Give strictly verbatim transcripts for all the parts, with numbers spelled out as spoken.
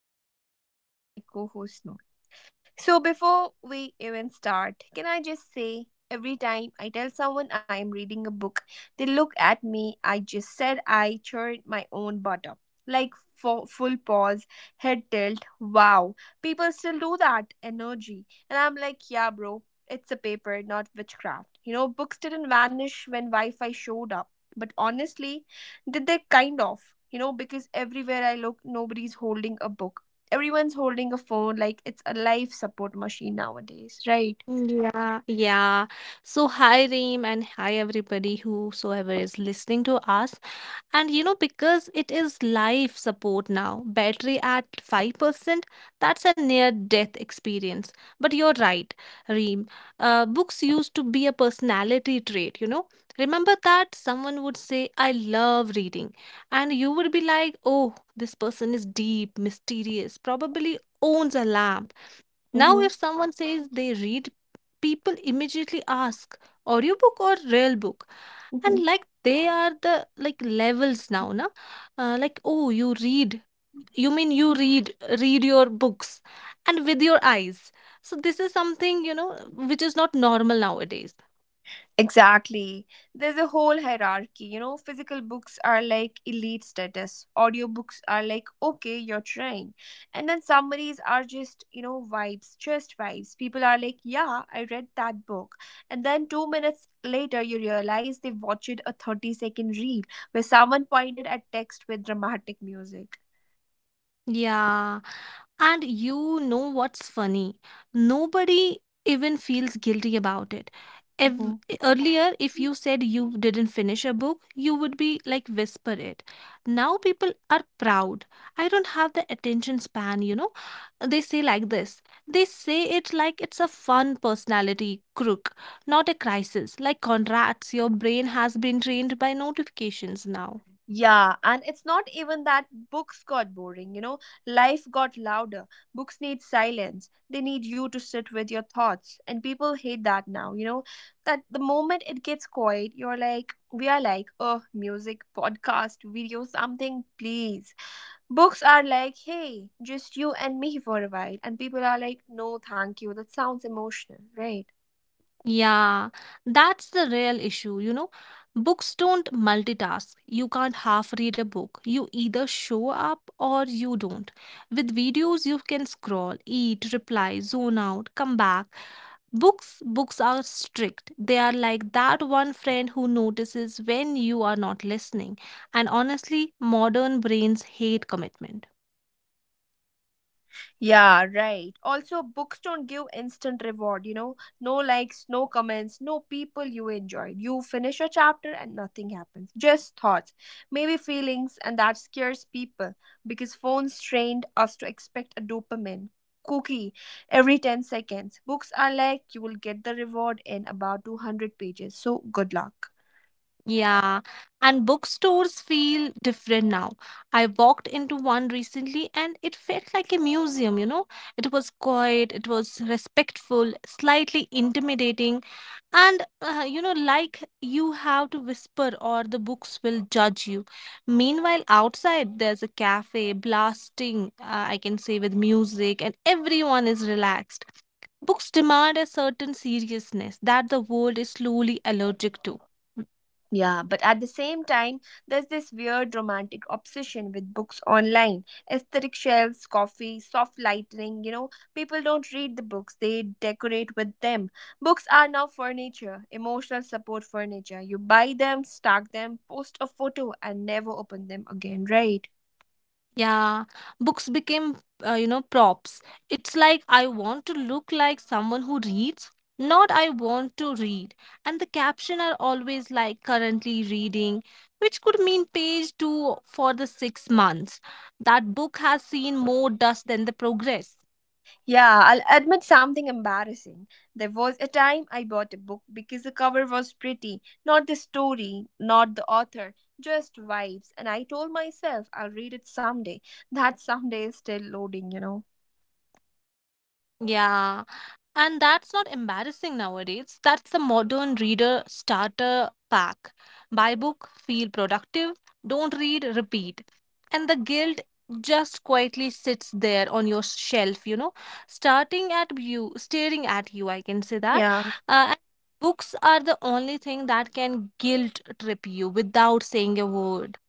I'm your host Reem with my co-host Noor. So, before we even start, can I just say every time I tell someone I am reading a book, they look at me. I just said I churned my own butter. Like full, full pause, head tilt. Wow, people still do that energy. And I'm like, yeah, bro, it's a paper, not witchcraft. You know, books didn't vanish when Wi Fi showed up. But honestly, did they kind of? You know, because everywhere I look, nobody's holding a book, everyone's holding a phone like it's a life support machine nowadays, right? Yeah, yeah. So, hi Reem, and hi everybody whosoever is listening to us. And you know, because it is life support now, battery at five percent, that's a near death experience. But you're right, Reem. Uh, books used to be a personality trait, you know. Remember that someone would say, I love reading. And you would be like, oh, this person is deep, mysterious, probably owns a lamp now. Mm-hmm. If someone says they read, people immediately ask audiobook or real book, Mm-hmm. and like they are the like levels now, na? Uh, like oh, you read. You mean you read read your books and with your eyes. So this is something you know which is not normal nowadays. Exactly. There's a whole hierarchy. You know, physical books are like elite status, audiobooks are like, okay, you're trying. And then summaries are just, you know, vibes, just vibes. People are like, yeah, I read that book. And then two minutes later, you realize they watched a thirty second reel where someone pointed at text with dramatic music. Yeah. And you know what's funny? Nobody even feels guilty about it. If, Mm-hmm. earlier, if you said you didn't finish a book, you would be like whisper it. Now people are proud. I don't have the attention span, you know. They say like this. They say it like it's a fun personality crook, not a crisis. Like Conrad's, your brain has been trained by notifications now. Yeah, and it's not even that books got boring, you know. Life got louder. Books need silence. They need you to sit with your thoughts. And people hate that now, you know. That the moment it gets quiet, you're like, we are like, oh, music, podcast, video, something, please. Books are like, hey, just you and me for a while. And people are like, no, thank you. That sounds emotional, right? Yeah, that's the real issue, you know. Books don't multitask. You can't half read a book. You either show up or you don't. With videos, you can scroll, eat, reply, zone out, come back. Books, books are strict. They are like that one friend who notices when you are not listening. And honestly, modern brains hate commitment. Yeah, right. Also, books don't give instant reward, you know. No likes, no comments, no people you enjoyed. You finish a chapter and nothing happens. Just thoughts, maybe feelings, and that scares people because phones trained us to expect a dopamine cookie every ten seconds. Books are like you will get the reward in about two hundred pages. So, good luck. Yeah, and bookstores feel different now. I walked into one recently and it felt like a museum, you know. It was quiet, it was respectful, slightly intimidating, and uh, you know, like you have to whisper or the books will judge you. Meanwhile, outside there's a cafe blasting, uh, I can say, with music, and everyone is relaxed. Books demand a certain seriousness that the world is slowly allergic to. Yeah, but at the same time, there's this weird romantic obsession with books online. Aesthetic shelves, coffee, soft lighting, you know, people don't read the books, they decorate with them. Books are now furniture, emotional support furniture. You buy them, stack them, post a photo, and never open them again, right? Yeah, books became, uh, you know, props. It's like I want to look like someone who reads, not I want to read. And the caption are always like currently reading, which could mean page two for the six months. That book has seen more dust than the progress. Yeah, I'll admit something embarrassing. There was a time I bought a book because the cover was pretty, not the story, not the author, just vibes. And I told myself I'll read it someday. That someday is still loading, you know? Yeah. And that's not embarrassing nowadays. That's the modern reader starter pack. Buy book, feel productive, repeat. And the guilt just quietly sits there on your shelf, you know, starting at you, staring at you, I can say that. Yeah. Uh, and books are the only thing that can guilt trip you without saying a word.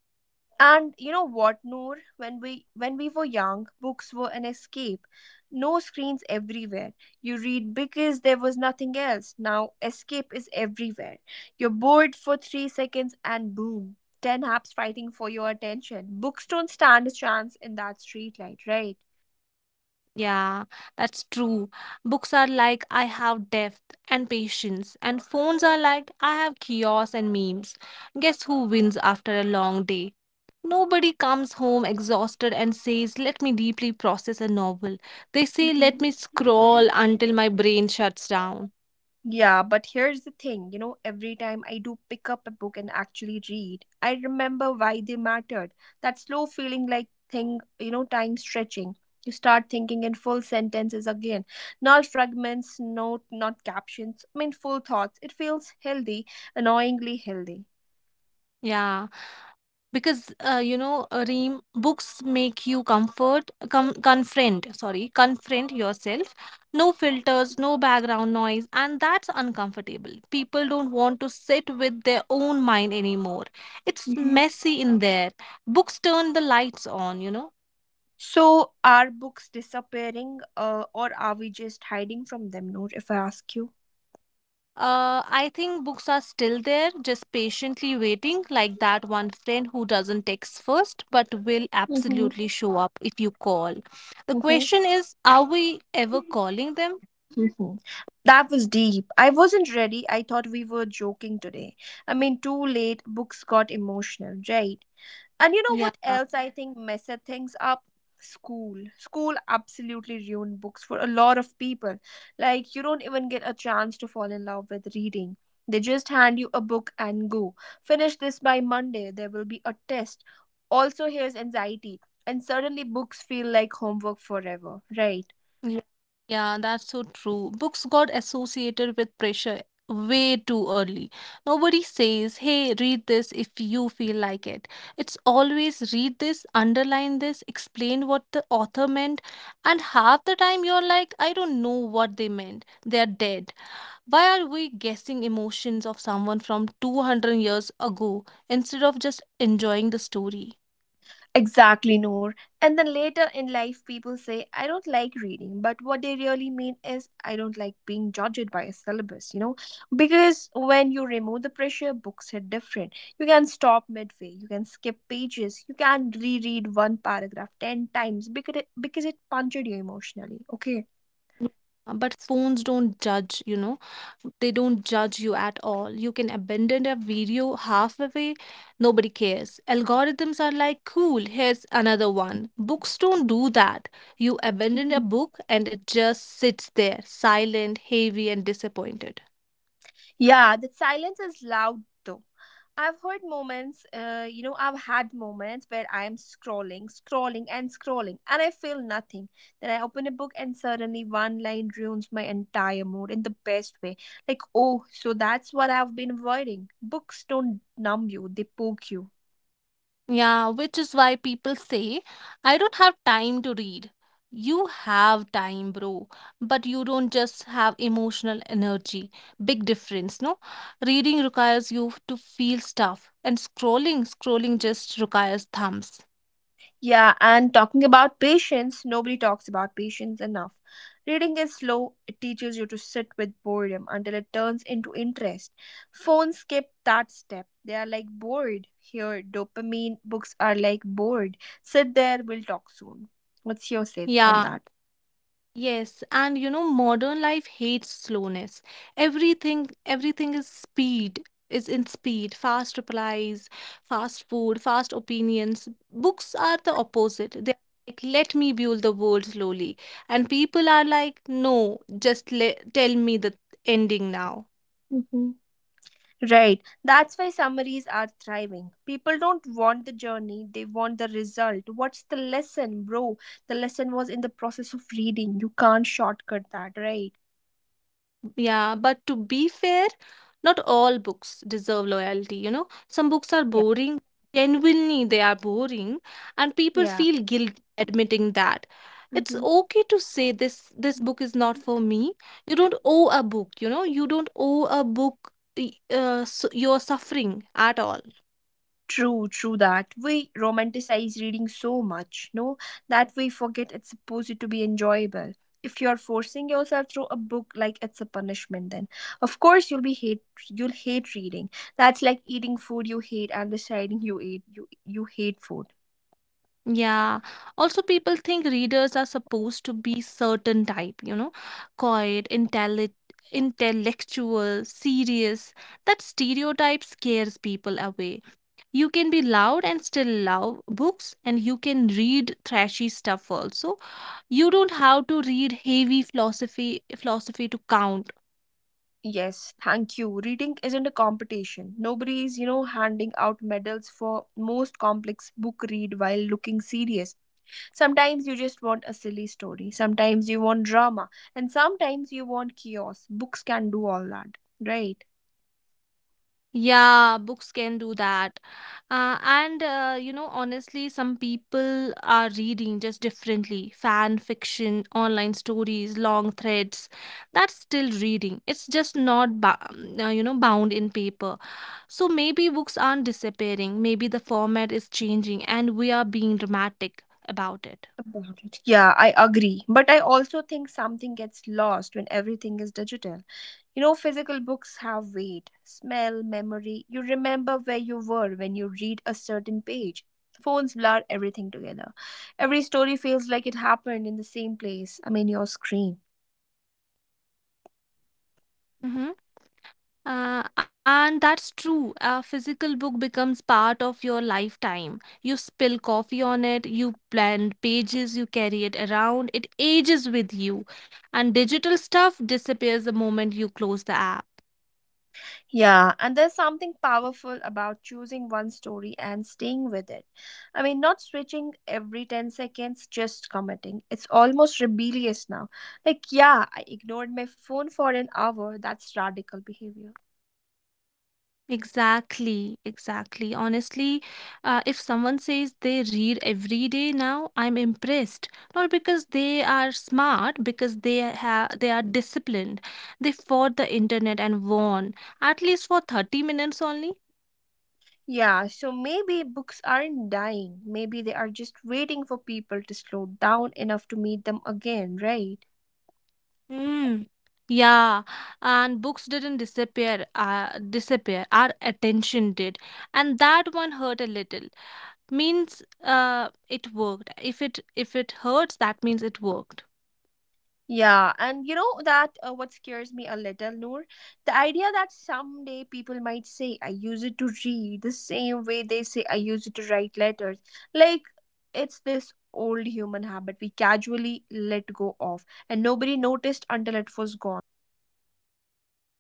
And you know what, Noor? When we when we were young, books were an escape. No screens everywhere. You read because there was nothing else. Now escape is everywhere. You're bored for three seconds and boom. Ten apps fighting for your attention. Books don't stand a chance in that streetlight, right? Yeah, that's true. Books are like, I have depth and patience, and phones are like, I have chaos and memes. Guess who wins after a long day? Nobody comes home exhausted and says, let me deeply process a novel. They say, let me scroll until my brain shuts down. Yeah, but here's the thing, you know, every time I do pick up a book and actually read, I remember why they mattered. That slow feeling like thing, you know, time stretching. You start thinking in full sentences again, not fragments, not not captions. I mean, full thoughts. It feels healthy, annoyingly healthy. Yeah. Because uh, you know uh, Reem, books make you comfort com- confront, sorry, confront yourself. No filters, no background noise. And that's uncomfortable. People don't want to sit with their own mind anymore. It's Hmm. messy in there. Books turn the lights on you know So, are books disappearing, uh, or are we just hiding from them? Noor, if I ask you. Uh, I think books are still there, just patiently waiting, like that one friend who doesn't text first but will Mm-hmm. absolutely show up if you call. The Mm-hmm. question is, are we ever calling them? Mhm. That was deep. I wasn't ready. I thought we were joking today. I mean, too late. Books got emotional, right? And you know Yeah. what else I think messed things up? School. School absolutely ruined books for a lot of people. Like, you don't even get a chance to fall in love with reading. They just hand you a book and go. Finish this by Monday. There will be a test. Also, here's anxiety. And suddenly, books feel like homework forever, right? Yeah, yeah, that's so true. Books got associated with pressure way too early. Nobody says, hey, read this if you feel like it. It's always read this, underline this, explain what the author meant, and half the time you're like, I don't know what they meant. They're dead. Why are we guessing emotions of someone from two hundred years ago instead of just enjoying the story? Exactly, Noor. And then later in life, people say, I don't like reading. But what they really mean is, I don't like being judged by a syllabus, you know? Because when you remove the pressure, books hit different. You can stop midway, you can skip pages, you can reread one paragraph ten times because it, because it punctured you emotionally, okay? Yeah, but phones don't judge, you know, they don't judge you at all. You can abandon a video halfway, nobody cares. Algorithms are like, cool, here's another one. Books don't do that. You abandon a book and it just sits there, silent, heavy, and disappointed. Yeah, that silence is loud though. I've heard moments, uh, you know, I've had moments where I am scrolling, scrolling, and scrolling, and I feel nothing. Then I open a book, and suddenly one line ruins my entire mood in the best way. Like, oh, so that's what I've been avoiding. Books don't numb you, they poke you. Yeah, which is why people say, I don't have time to read. You have time, bro, but you don't just have emotional energy. Big difference, no? Reading requires you to feel stuff, and scrolling, scrolling just requires thumbs. Yeah, and talking about patience, nobody talks about patience enough. Reading is slow, it teaches you to sit with boredom until it turns into interest. Phones skip that step. They are like bored. Here, dopamine books are like bored. Sit there, we'll talk soon. What's your say on Yeah, that? yes, and you know, modern life hates slowness. Everything, everything is speed, is in speed, fast replies, fast food, fast opinions. Books are the opposite. They're like, let me build the world slowly. And people are like, no, just le tell me the ending now. Hmm. Right. That's why summaries are thriving. People don't want the journey, they want the result. What's the lesson, bro? The lesson was in the process of reading. You can't shortcut that, right? Yeah, but to be fair, not all books deserve loyalty, you know. Some books are Yeah. boring, genuinely they are boring, and people Yeah. feel guilty admitting that. It's Hmm. okay to say this this book is not for me. You don't owe a book, you know. You don't owe a book y- uh, s your suffering at all. True, true that. We romanticize reading so much, no, that we forget it's supposed to be enjoyable. If you're forcing yourself through a book like it's a punishment, then of course you'll be hate you'll hate reading. That's like eating food you hate and deciding you ate you you hate food. Yeah. Also, people think readers are supposed to be certain type, you know, quiet, intelli intellectual, serious. That stereotype scares people away. You can be loud and still love books, and you can read trashy stuff also. You don't have to read heavy philosophy philosophy to count. Yes, thank you. Reading isn't a competition. Nobody is, you know, handing out medals for most complex book read while looking serious. Sometimes you just want a silly story, sometimes you want drama, and sometimes you want chaos. Books can do all that, right? Yeah, books can do that. Uh, and, uh, you know, honestly, some people are reading just differently. Fan fiction, online stories, long threads. That's still reading. It's just not, ba- um, uh, you know, bound in paper. So maybe books aren't disappearing. Maybe the format is changing and we are being dramatic about it. About it. Yeah, I agree. But I also think something gets lost when everything is digital. You know, physical books have weight, smell, memory. You remember where you were when you read a certain page. Phones blur everything together. Every story feels like it happened in the same place. I mean, your screen. Mhm. Uh, and that's true. A physical book becomes part of your lifetime. You spill coffee on it, you blend pages, you carry it around, it ages with you. And digital stuff disappears the moment you close the app. Yeah, and there's something powerful about choosing one story and staying with it. I mean, not switching every ten seconds, just committing. It's almost rebellious now. Like, yeah, I ignored my phone for an hour. That's radical behavior. Exactly, exactly. Honestly, uh, if someone says they read every day now, I'm impressed. Not because they are smart, because they have they are disciplined. They fought the internet and won, at least for thirty minutes only. Yeah, so maybe books aren't dying. Maybe they are just waiting for people to slow down enough to meet them again, right? Mm. Yeah, and books didn't disappear, uh, disappear. Our attention did, and that one hurt a little. Means, uh, it worked. If it if it hurts, that means it worked. Yeah, and you know that uh, what scares me a little, Noor? The idea that someday people might say, I use it to read the same way they say, I use it to write letters. Like, it's this old human habit we casually let go of, and nobody noticed until it was gone, right?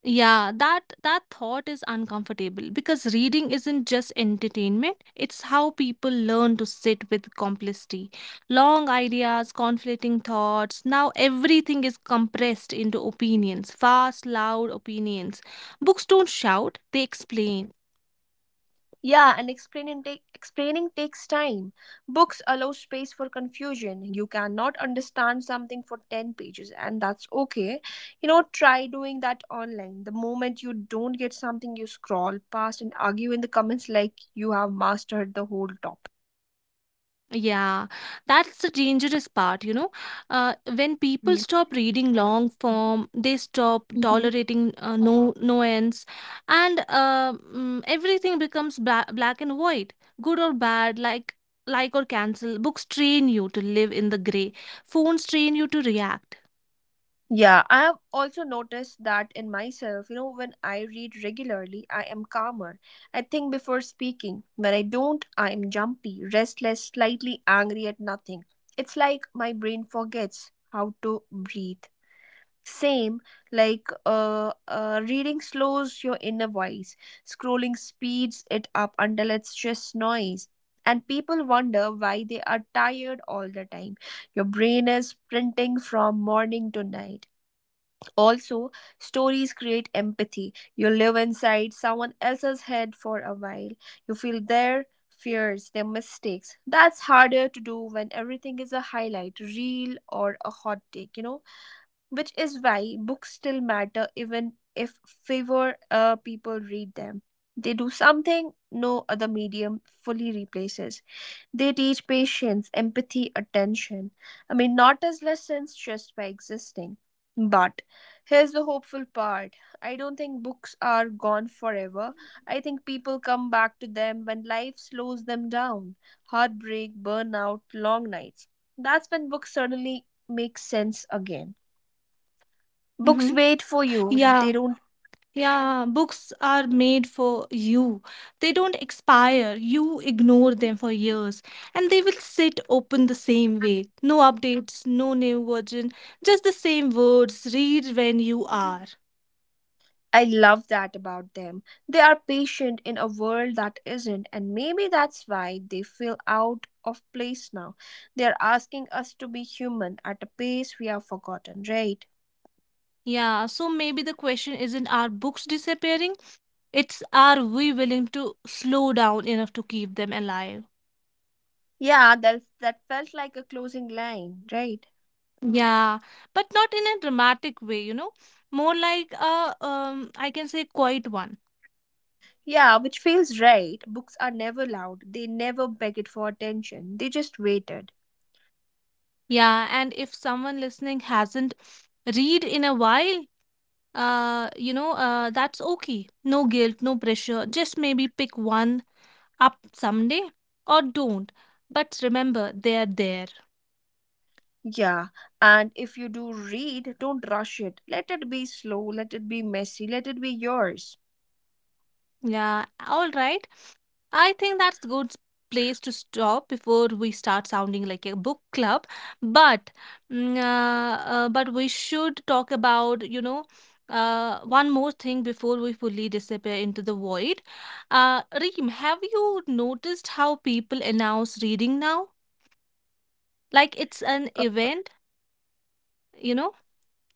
Yeah, that that thought is uncomfortable because reading isn't just entertainment, it's how people learn to sit with complexity. Long ideas, conflicting thoughts. Now everything is compressed into opinions, fast, loud opinions. Books don't shout, they explain. Yeah, and explaining, take, explaining takes time. Books allow space for confusion. You cannot understand something for ten pages, and that's okay. You know, try doing that online. The moment you don't get something, you scroll past and argue in the comments like you have mastered the whole topic. Yeah, that's the dangerous part, you know. Uh, when people Mm. stop reading long form, they stop Mhm. tolerating uh, no nuance, and uh, mm, everything becomes bla black and white, good or bad, like like or cancel. Books train you to live in the gray. Phones train you to react. Yeah, I have also noticed that in myself. You know, when I read regularly, I am calmer. I think before speaking. When I don't, I am jumpy, restless, slightly angry at nothing. It's like my brain forgets how to breathe. Same. Like uh, uh, reading slows your inner voice, scrolling speeds it up until it's just noise. And people wonder why they are tired all the time. Your brain is printing from morning to night. Also, stories create empathy. You live inside someone else's head for a while. You feel their fears, their mistakes. That's harder to do when everything is a highlight reel or a hot take, you know, which is why books still matter even if fewer uh, people read them. They do something no other medium fully replaces. They teach patience, empathy, attention. I mean, not as lessons, just by existing. But here's the hopeful part. I don't think books are gone forever. I think people come back to them when life slows them down: heartbreak, burnout, long nights. That's when books suddenly make sense again. Books Mm-hmm. wait for you, they Yeah. don't. Yeah, books are made for you. They don't expire. You ignore them for years and they will sit open the same way. No updates, no new version, just the same words. Read when you are. I love that about them. They are patient in a world that isn't, and maybe that's why they feel out of place now. They are asking us to be human at a pace we have forgotten, right? Yeah, so maybe the question isn't, are books disappearing? It's, are we willing to slow down enough to keep them alive? Yeah, that, that felt like a closing line, right? Yeah, but not in a dramatic way, you know? More like a um I can say, quiet one. Yeah, which feels right. Books are never loud, they never begged for attention, they just waited. Yeah, and if someone listening hasn't read in a while, uh, you know, uh, that's okay. No guilt, no pressure. Just maybe pick one up someday or don't. But remember, they're there. Yeah, and if you do read, don't rush it. Let it be slow, let it be messy, let it be yours. Yeah, all right. I think that's good place to stop before we start sounding like a book club. But mm, uh, uh, but we should talk about, you know uh, one more thing before we fully disappear into the void. Uh, Reem, have you noticed how people announce reading now? Like it's an Uh, event, you know.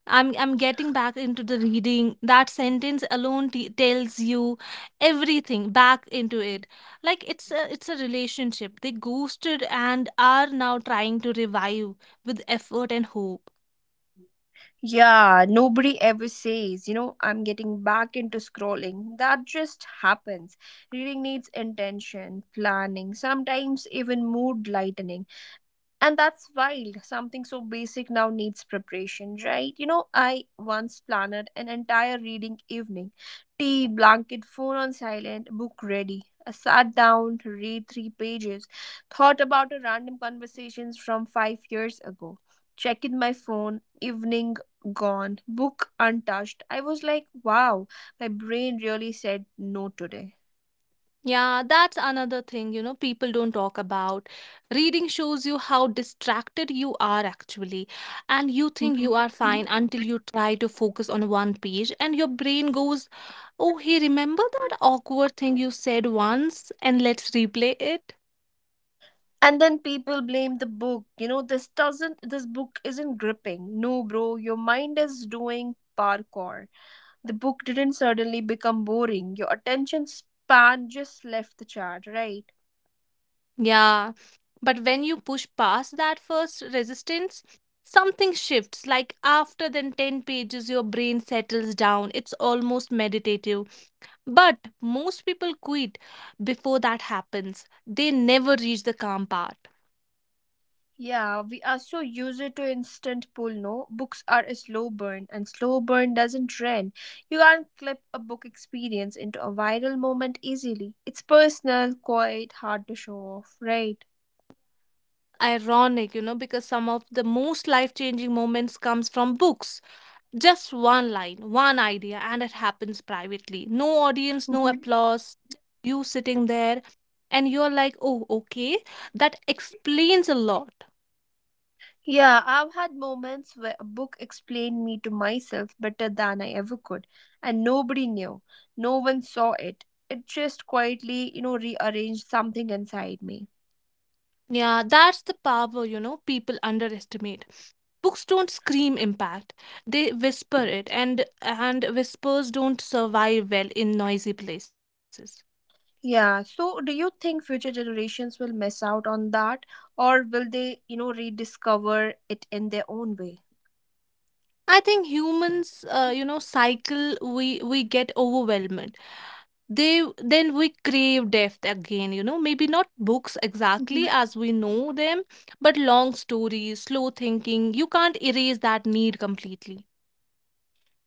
I'm I'm getting back into the reading. That sentence alone t- tells you everything back into it. Like it's a it's a relationship. They ghosted and are now trying to revive with effort and hope. Yeah, nobody ever says, you know, I'm getting back into scrolling. That just happens. Reading needs intention, planning, sometimes even mood lightening. And that's wild. Something so basic now needs preparation, right? You know, I once planned an entire reading evening: tea, blanket, phone on silent, book ready. I sat down to read three pages, thought about a random conversations from five years ago, checked my phone, evening gone, book untouched. I was like, wow, my brain really said no today. Yeah, that's another thing, you know, people don't talk about. Reading shows you how distracted you are actually, and you think you Mhm. are fine until you try to focus on one page, and your brain goes, oh, hey, remember that awkward thing you said once, and let's replay it? And then people blame the book. You know this doesn't this book isn't gripping. No, bro, your mind is doing parkour. The book didn't suddenly become boring. Your attention span just left the chart, right? Yeah. But when you push past that first resistance, something shifts. Like after then ten pages, your brain settles down. It's almost meditative. But most people quit before that happens. They never reach the calm part. Yeah, we are so used to instant pull. No, books are a slow burn, and slow burn doesn't trend. You can't clip a book experience into a viral moment easily. It's personal, quite hard to show off, right? Ironic, you know, because some of the most life-changing moments comes from books. Just one line, one idea, and it happens privately. No audience, no applause, just you sitting there and you're like, "Oh, okay. That explains a lot." Yeah, I've had moments where a book explained me to myself better than I ever could, and nobody knew. No one saw it. It just quietly, you know, rearranged something inside me. Yeah, that's the power, you know, people underestimate. Books don't scream impact, they whisper it, and and whispers don't survive well in noisy places. Yeah, so do you think future generations will miss out on that, or will they, you know, rediscover it in their own way? I think humans uh, you know, cycle. We we get overwhelmed, they, then we crave depth again, you know. Maybe not books exactly Mhm. as we know them, but long stories, slow thinking. You can't erase that need completely.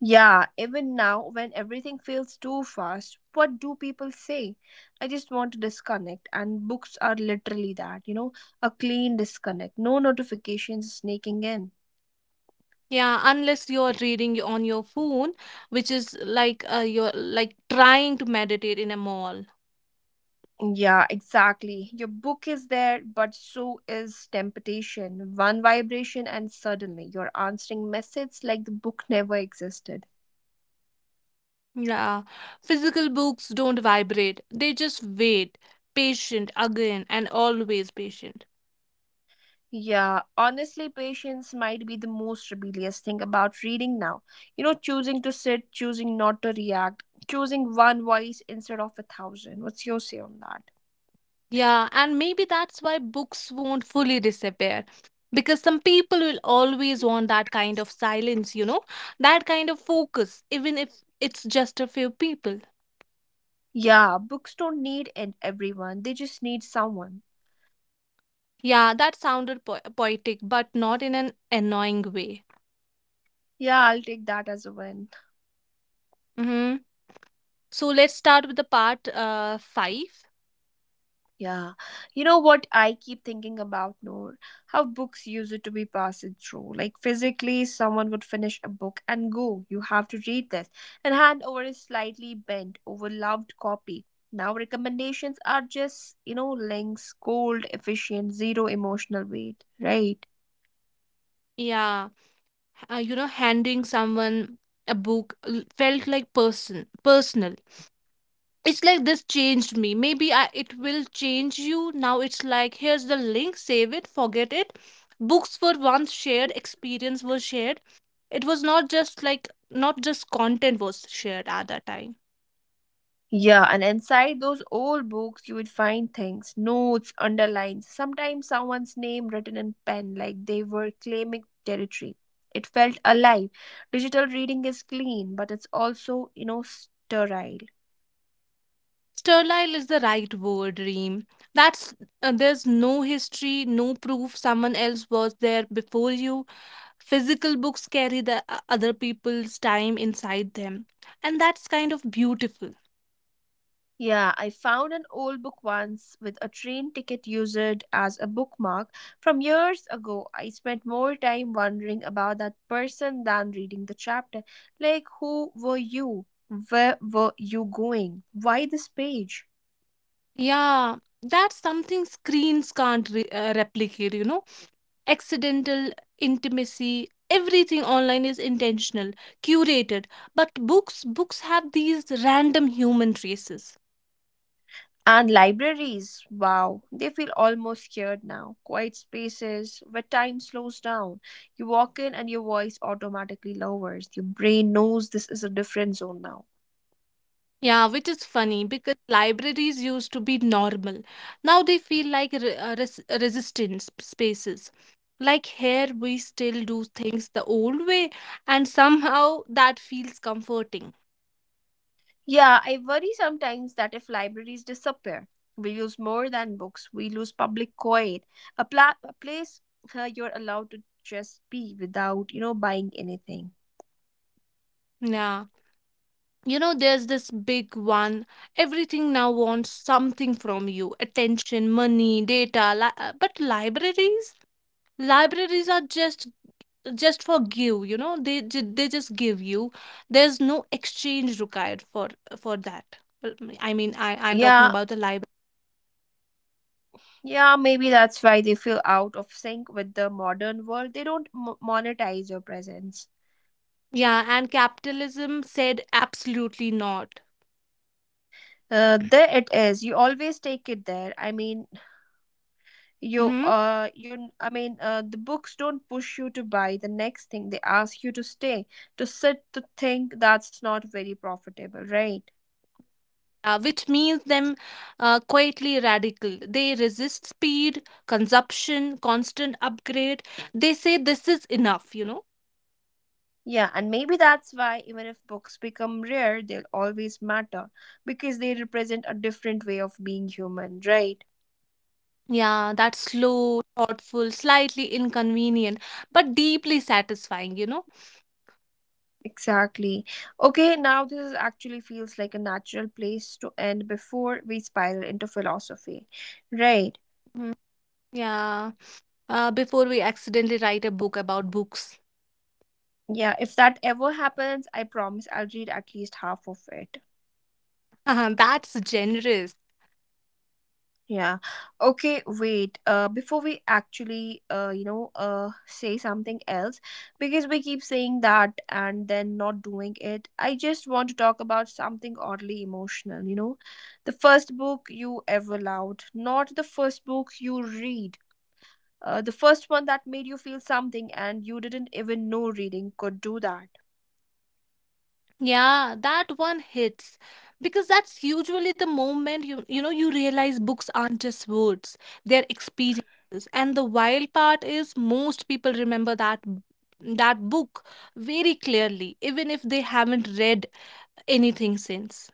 Yeah, even now, when everything feels too fast, what do people say? I just want to disconnect, and books are literally that, you know, a clean disconnect, no notifications sneaking in. Yeah, unless you're reading on your phone, which is like uh, you're like trying to meditate in a mall. Yeah, exactly. Your book is there, but so is temptation. One vibration, and suddenly you're answering messages like the book never existed. Yeah, physical books don't vibrate, they just wait, patient again and always patient. Yeah, honestly, patience might be the most rebellious thing about reading now. You know, choosing to sit, choosing not to react, choosing one voice instead of a thousand. What's your say on that? Yeah, and maybe that's why books won't fully disappear. Because some people will always want that kind of silence, you know, that kind of focus, even if it's just a few people. Yeah, books don't need and everyone, they just need someone. Yeah, that sounded po- poetic, but not in an annoying way. Yeah, I'll take that as a win. Mm-hmm. So let's start with the part uh, five. Yeah. You know what I keep thinking about, Noor? How books used it to be passed through. Like physically, someone would finish a book and go, you have to read this, and hand over a slightly bent, overloved copy. Now recommendations are just, you know, links, cold, efficient, zero emotional weight, right? Yeah. Uh, you know, handing someone a book l- felt like person personal. It's like, this changed me, maybe I, it will change you. Now it's like, here's the link, save it, forget it. Books were once shared, experience was shared. It was not just like, not just content was shared at that time. Yeah, and inside those old books, you would find things, notes, underlines, sometimes someone's name written in pen, like they were claiming territory. It felt alive. Digital reading is clean, but it's also, you know, sterile. Sterile is the right word, Reem. That's uh, there's no history, no proof someone else was there before you. Physical books carry the o- other people's time inside them, and that's kind of beautiful. Yeah, I found an old book once with a train ticket used as a bookmark from years ago. I spent more time wondering about that person than reading the chapter. Like, who were you? Where were you going? Why this page? Yeah, that's something screens can't re- uh, replicate, you know. Accidental intimacy, everything online is intentional, curated, but books books have these random human traces. And libraries, wow, they feel almost scared now. Quiet spaces where time slows down. You walk in and your voice automatically lowers. Your brain knows this is a different zone now. Yeah, which is funny because libraries used to be normal. Now they feel like re- uh, res- resistance sp- spaces. Like, here we still do things the old way, and somehow that feels comforting. Yeah, I worry sometimes that if libraries disappear, we use more than books, we lose public quiet, a, pla- a place uh, you're allowed to just be without, you know, buying anything. Yeah. You know, there's this big one. Everything now wants something from you: attention, money, data. Li- uh, but libraries? Libraries are just just for give, you know, they ju- they just give you. There's no exchange required for for that. Well, i mean i i'm talking Yeah, about the library. Yeah, maybe that's why they feel out of sync with the modern world. They don't m- monetize your presence. Yeah, and capitalism said absolutely not. Uh, there it is. You always take it there. I mean, you, Mm-hmm. uh, you. I mean, uh, the books don't push you to buy the next thing. They ask you to stay, to sit, to think. That's not very profitable, right? Uh, which means them, uh, quietly radical. They resist speed, consumption, constant upgrade. They say this is enough, you know. Yeah, and maybe that's why even if books become rare, they'll always matter because they represent a different way of being human, right? Yeah, that's slow, thoughtful, slightly inconvenient, but deeply satisfying, you know. Exactly. Okay, now this actually feels like a natural place to end before we spiral into philosophy. Right. Mhm. Yeah, uh, before we accidentally write a book about books. Yeah, if that ever happens, I promise I'll read at least half of it. That's generous. Yeah. Okay, wait. Uh before we actually uh you know uh say something else because we keep saying that and then not doing it. I just want to talk about something oddly emotional, you know. The first book you ever loved, not the first book you read. Uh, the first one that made you feel something and you didn't even know reading could do that. Yeah, that one hits, because that's usually the moment you, you know, you realize books aren't just words, they're experiences. And the wild part is most people remember that b- that book very clearly, even if they haven't read anything since.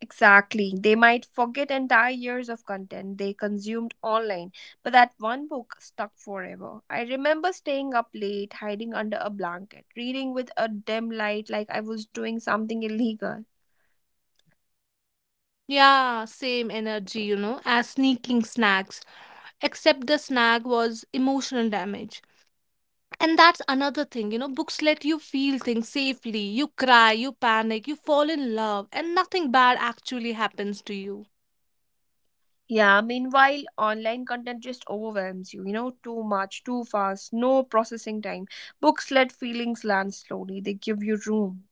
Exactly. They might forget entire years of content they consumed online, but that one book stuck forever. I remember staying up late, hiding under a blanket, reading with a dim light like I was doing something illegal. Yeah, same energy, you know, as sneaking snacks, except the snack was emotional damage. And that's another thing, you know, books let you feel things safely. You cry, you panic, you fall in love, and nothing bad actually happens to you. Yeah, meanwhile, online content just overwhelms you, you know, too much, too fast, no processing time. Books let feelings land slowly, they give you room.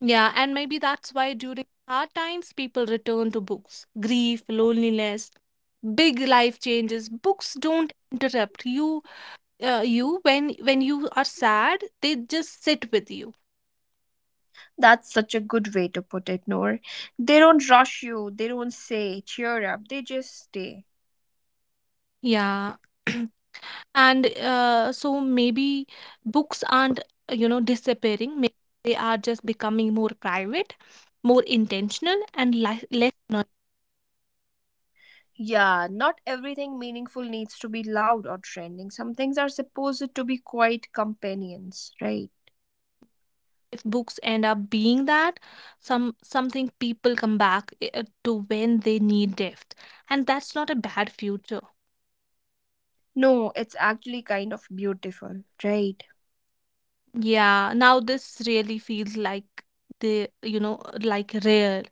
Yeah, and maybe that's why during hard times people return to books. Grief, loneliness, big life changes. Books don't interrupt you, uh, you, when when you are sad, they just sit with you. That's such a good way to put it, Noor. They don't rush you, they don't say, cheer up, they just stay. Yeah. And uh, so maybe books aren't, you know, disappearing. Maybe they are just becoming more private, more intentional, and li- less noisy. Yeah, not everything meaningful needs to be loud or trending. Some things are supposed to be quiet companions, right? If books end up being that, some something people come back uh, to when they need depth, and that's not a bad future. No, it's actually kind of beautiful, right? Yeah, now this really feels like the, you know, like rare.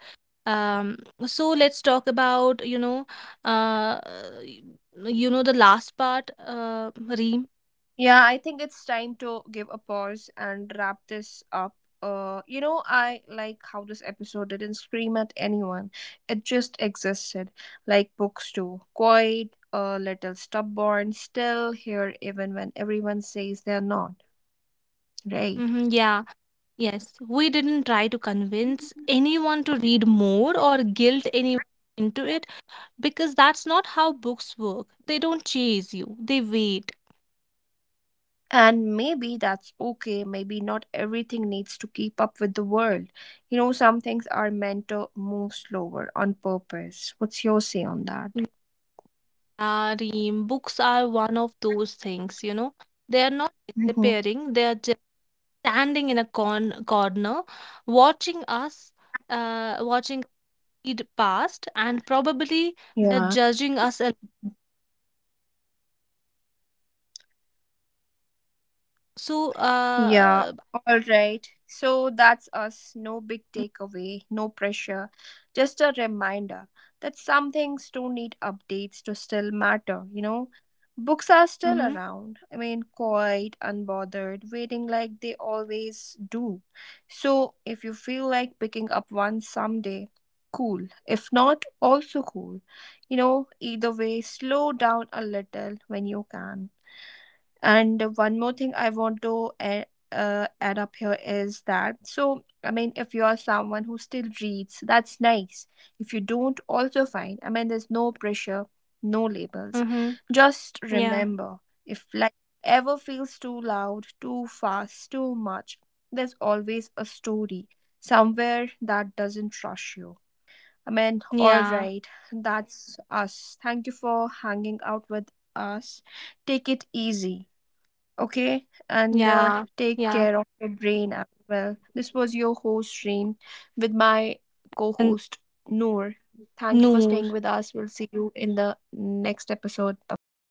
Um, so let's talk about, you know, uh, y- you know, the last part, uh, Reem. Yeah, I think it's time to give a pause and wrap this up. Uh, you know, I like how this episode didn't scream at anyone. It just existed, like books do. Quiet, a little stubborn, still here even when everyone says they're not, right? Hmm, yeah, yes. We didn't try to convince anyone to read more or guilt anyone into it, because that's not how books work. They don't chase you, they wait. And maybe that's okay. Maybe not everything needs to keep up with the world. You know, some things are meant to move slower on purpose. What's your say on that? Yeah, Reem, books are one of those things, you know. They are not Mm-hmm. disappearing, they are standing in a con- corner, watching us, uh, watching it past, and probably they're Yeah. judging us. a- So, Yeah, uh, all right. So that's us. No big takeaway, no pressure. Just a reminder that some things don't need updates to still matter, you know? Books are still mm-hmm, around. I mean, quiet, unbothered, waiting like they always do. So if you feel like picking up one someday, cool. If not, also cool. You know, either way, slow down a little when you can. And one more thing I want to add, uh, add up here is that so, I mean, if you are someone who still reads, that's nice. If you don't, also fine. I mean, there's no pressure, no labels. mm-hmm, Just yeah, remember if life ever feels too loud, too fast, too much, there's always a story somewhere that doesn't rush you. I mean, all yeah, right, that's us. Thank you for hanging out with us. Take it easy. Okay, and uh, yeah, take yeah. care of your brain as well. This was your host, Reem, with my co And host, Noor. Thank you for Noor, staying with us. We'll see you in the next episode. Bye bye.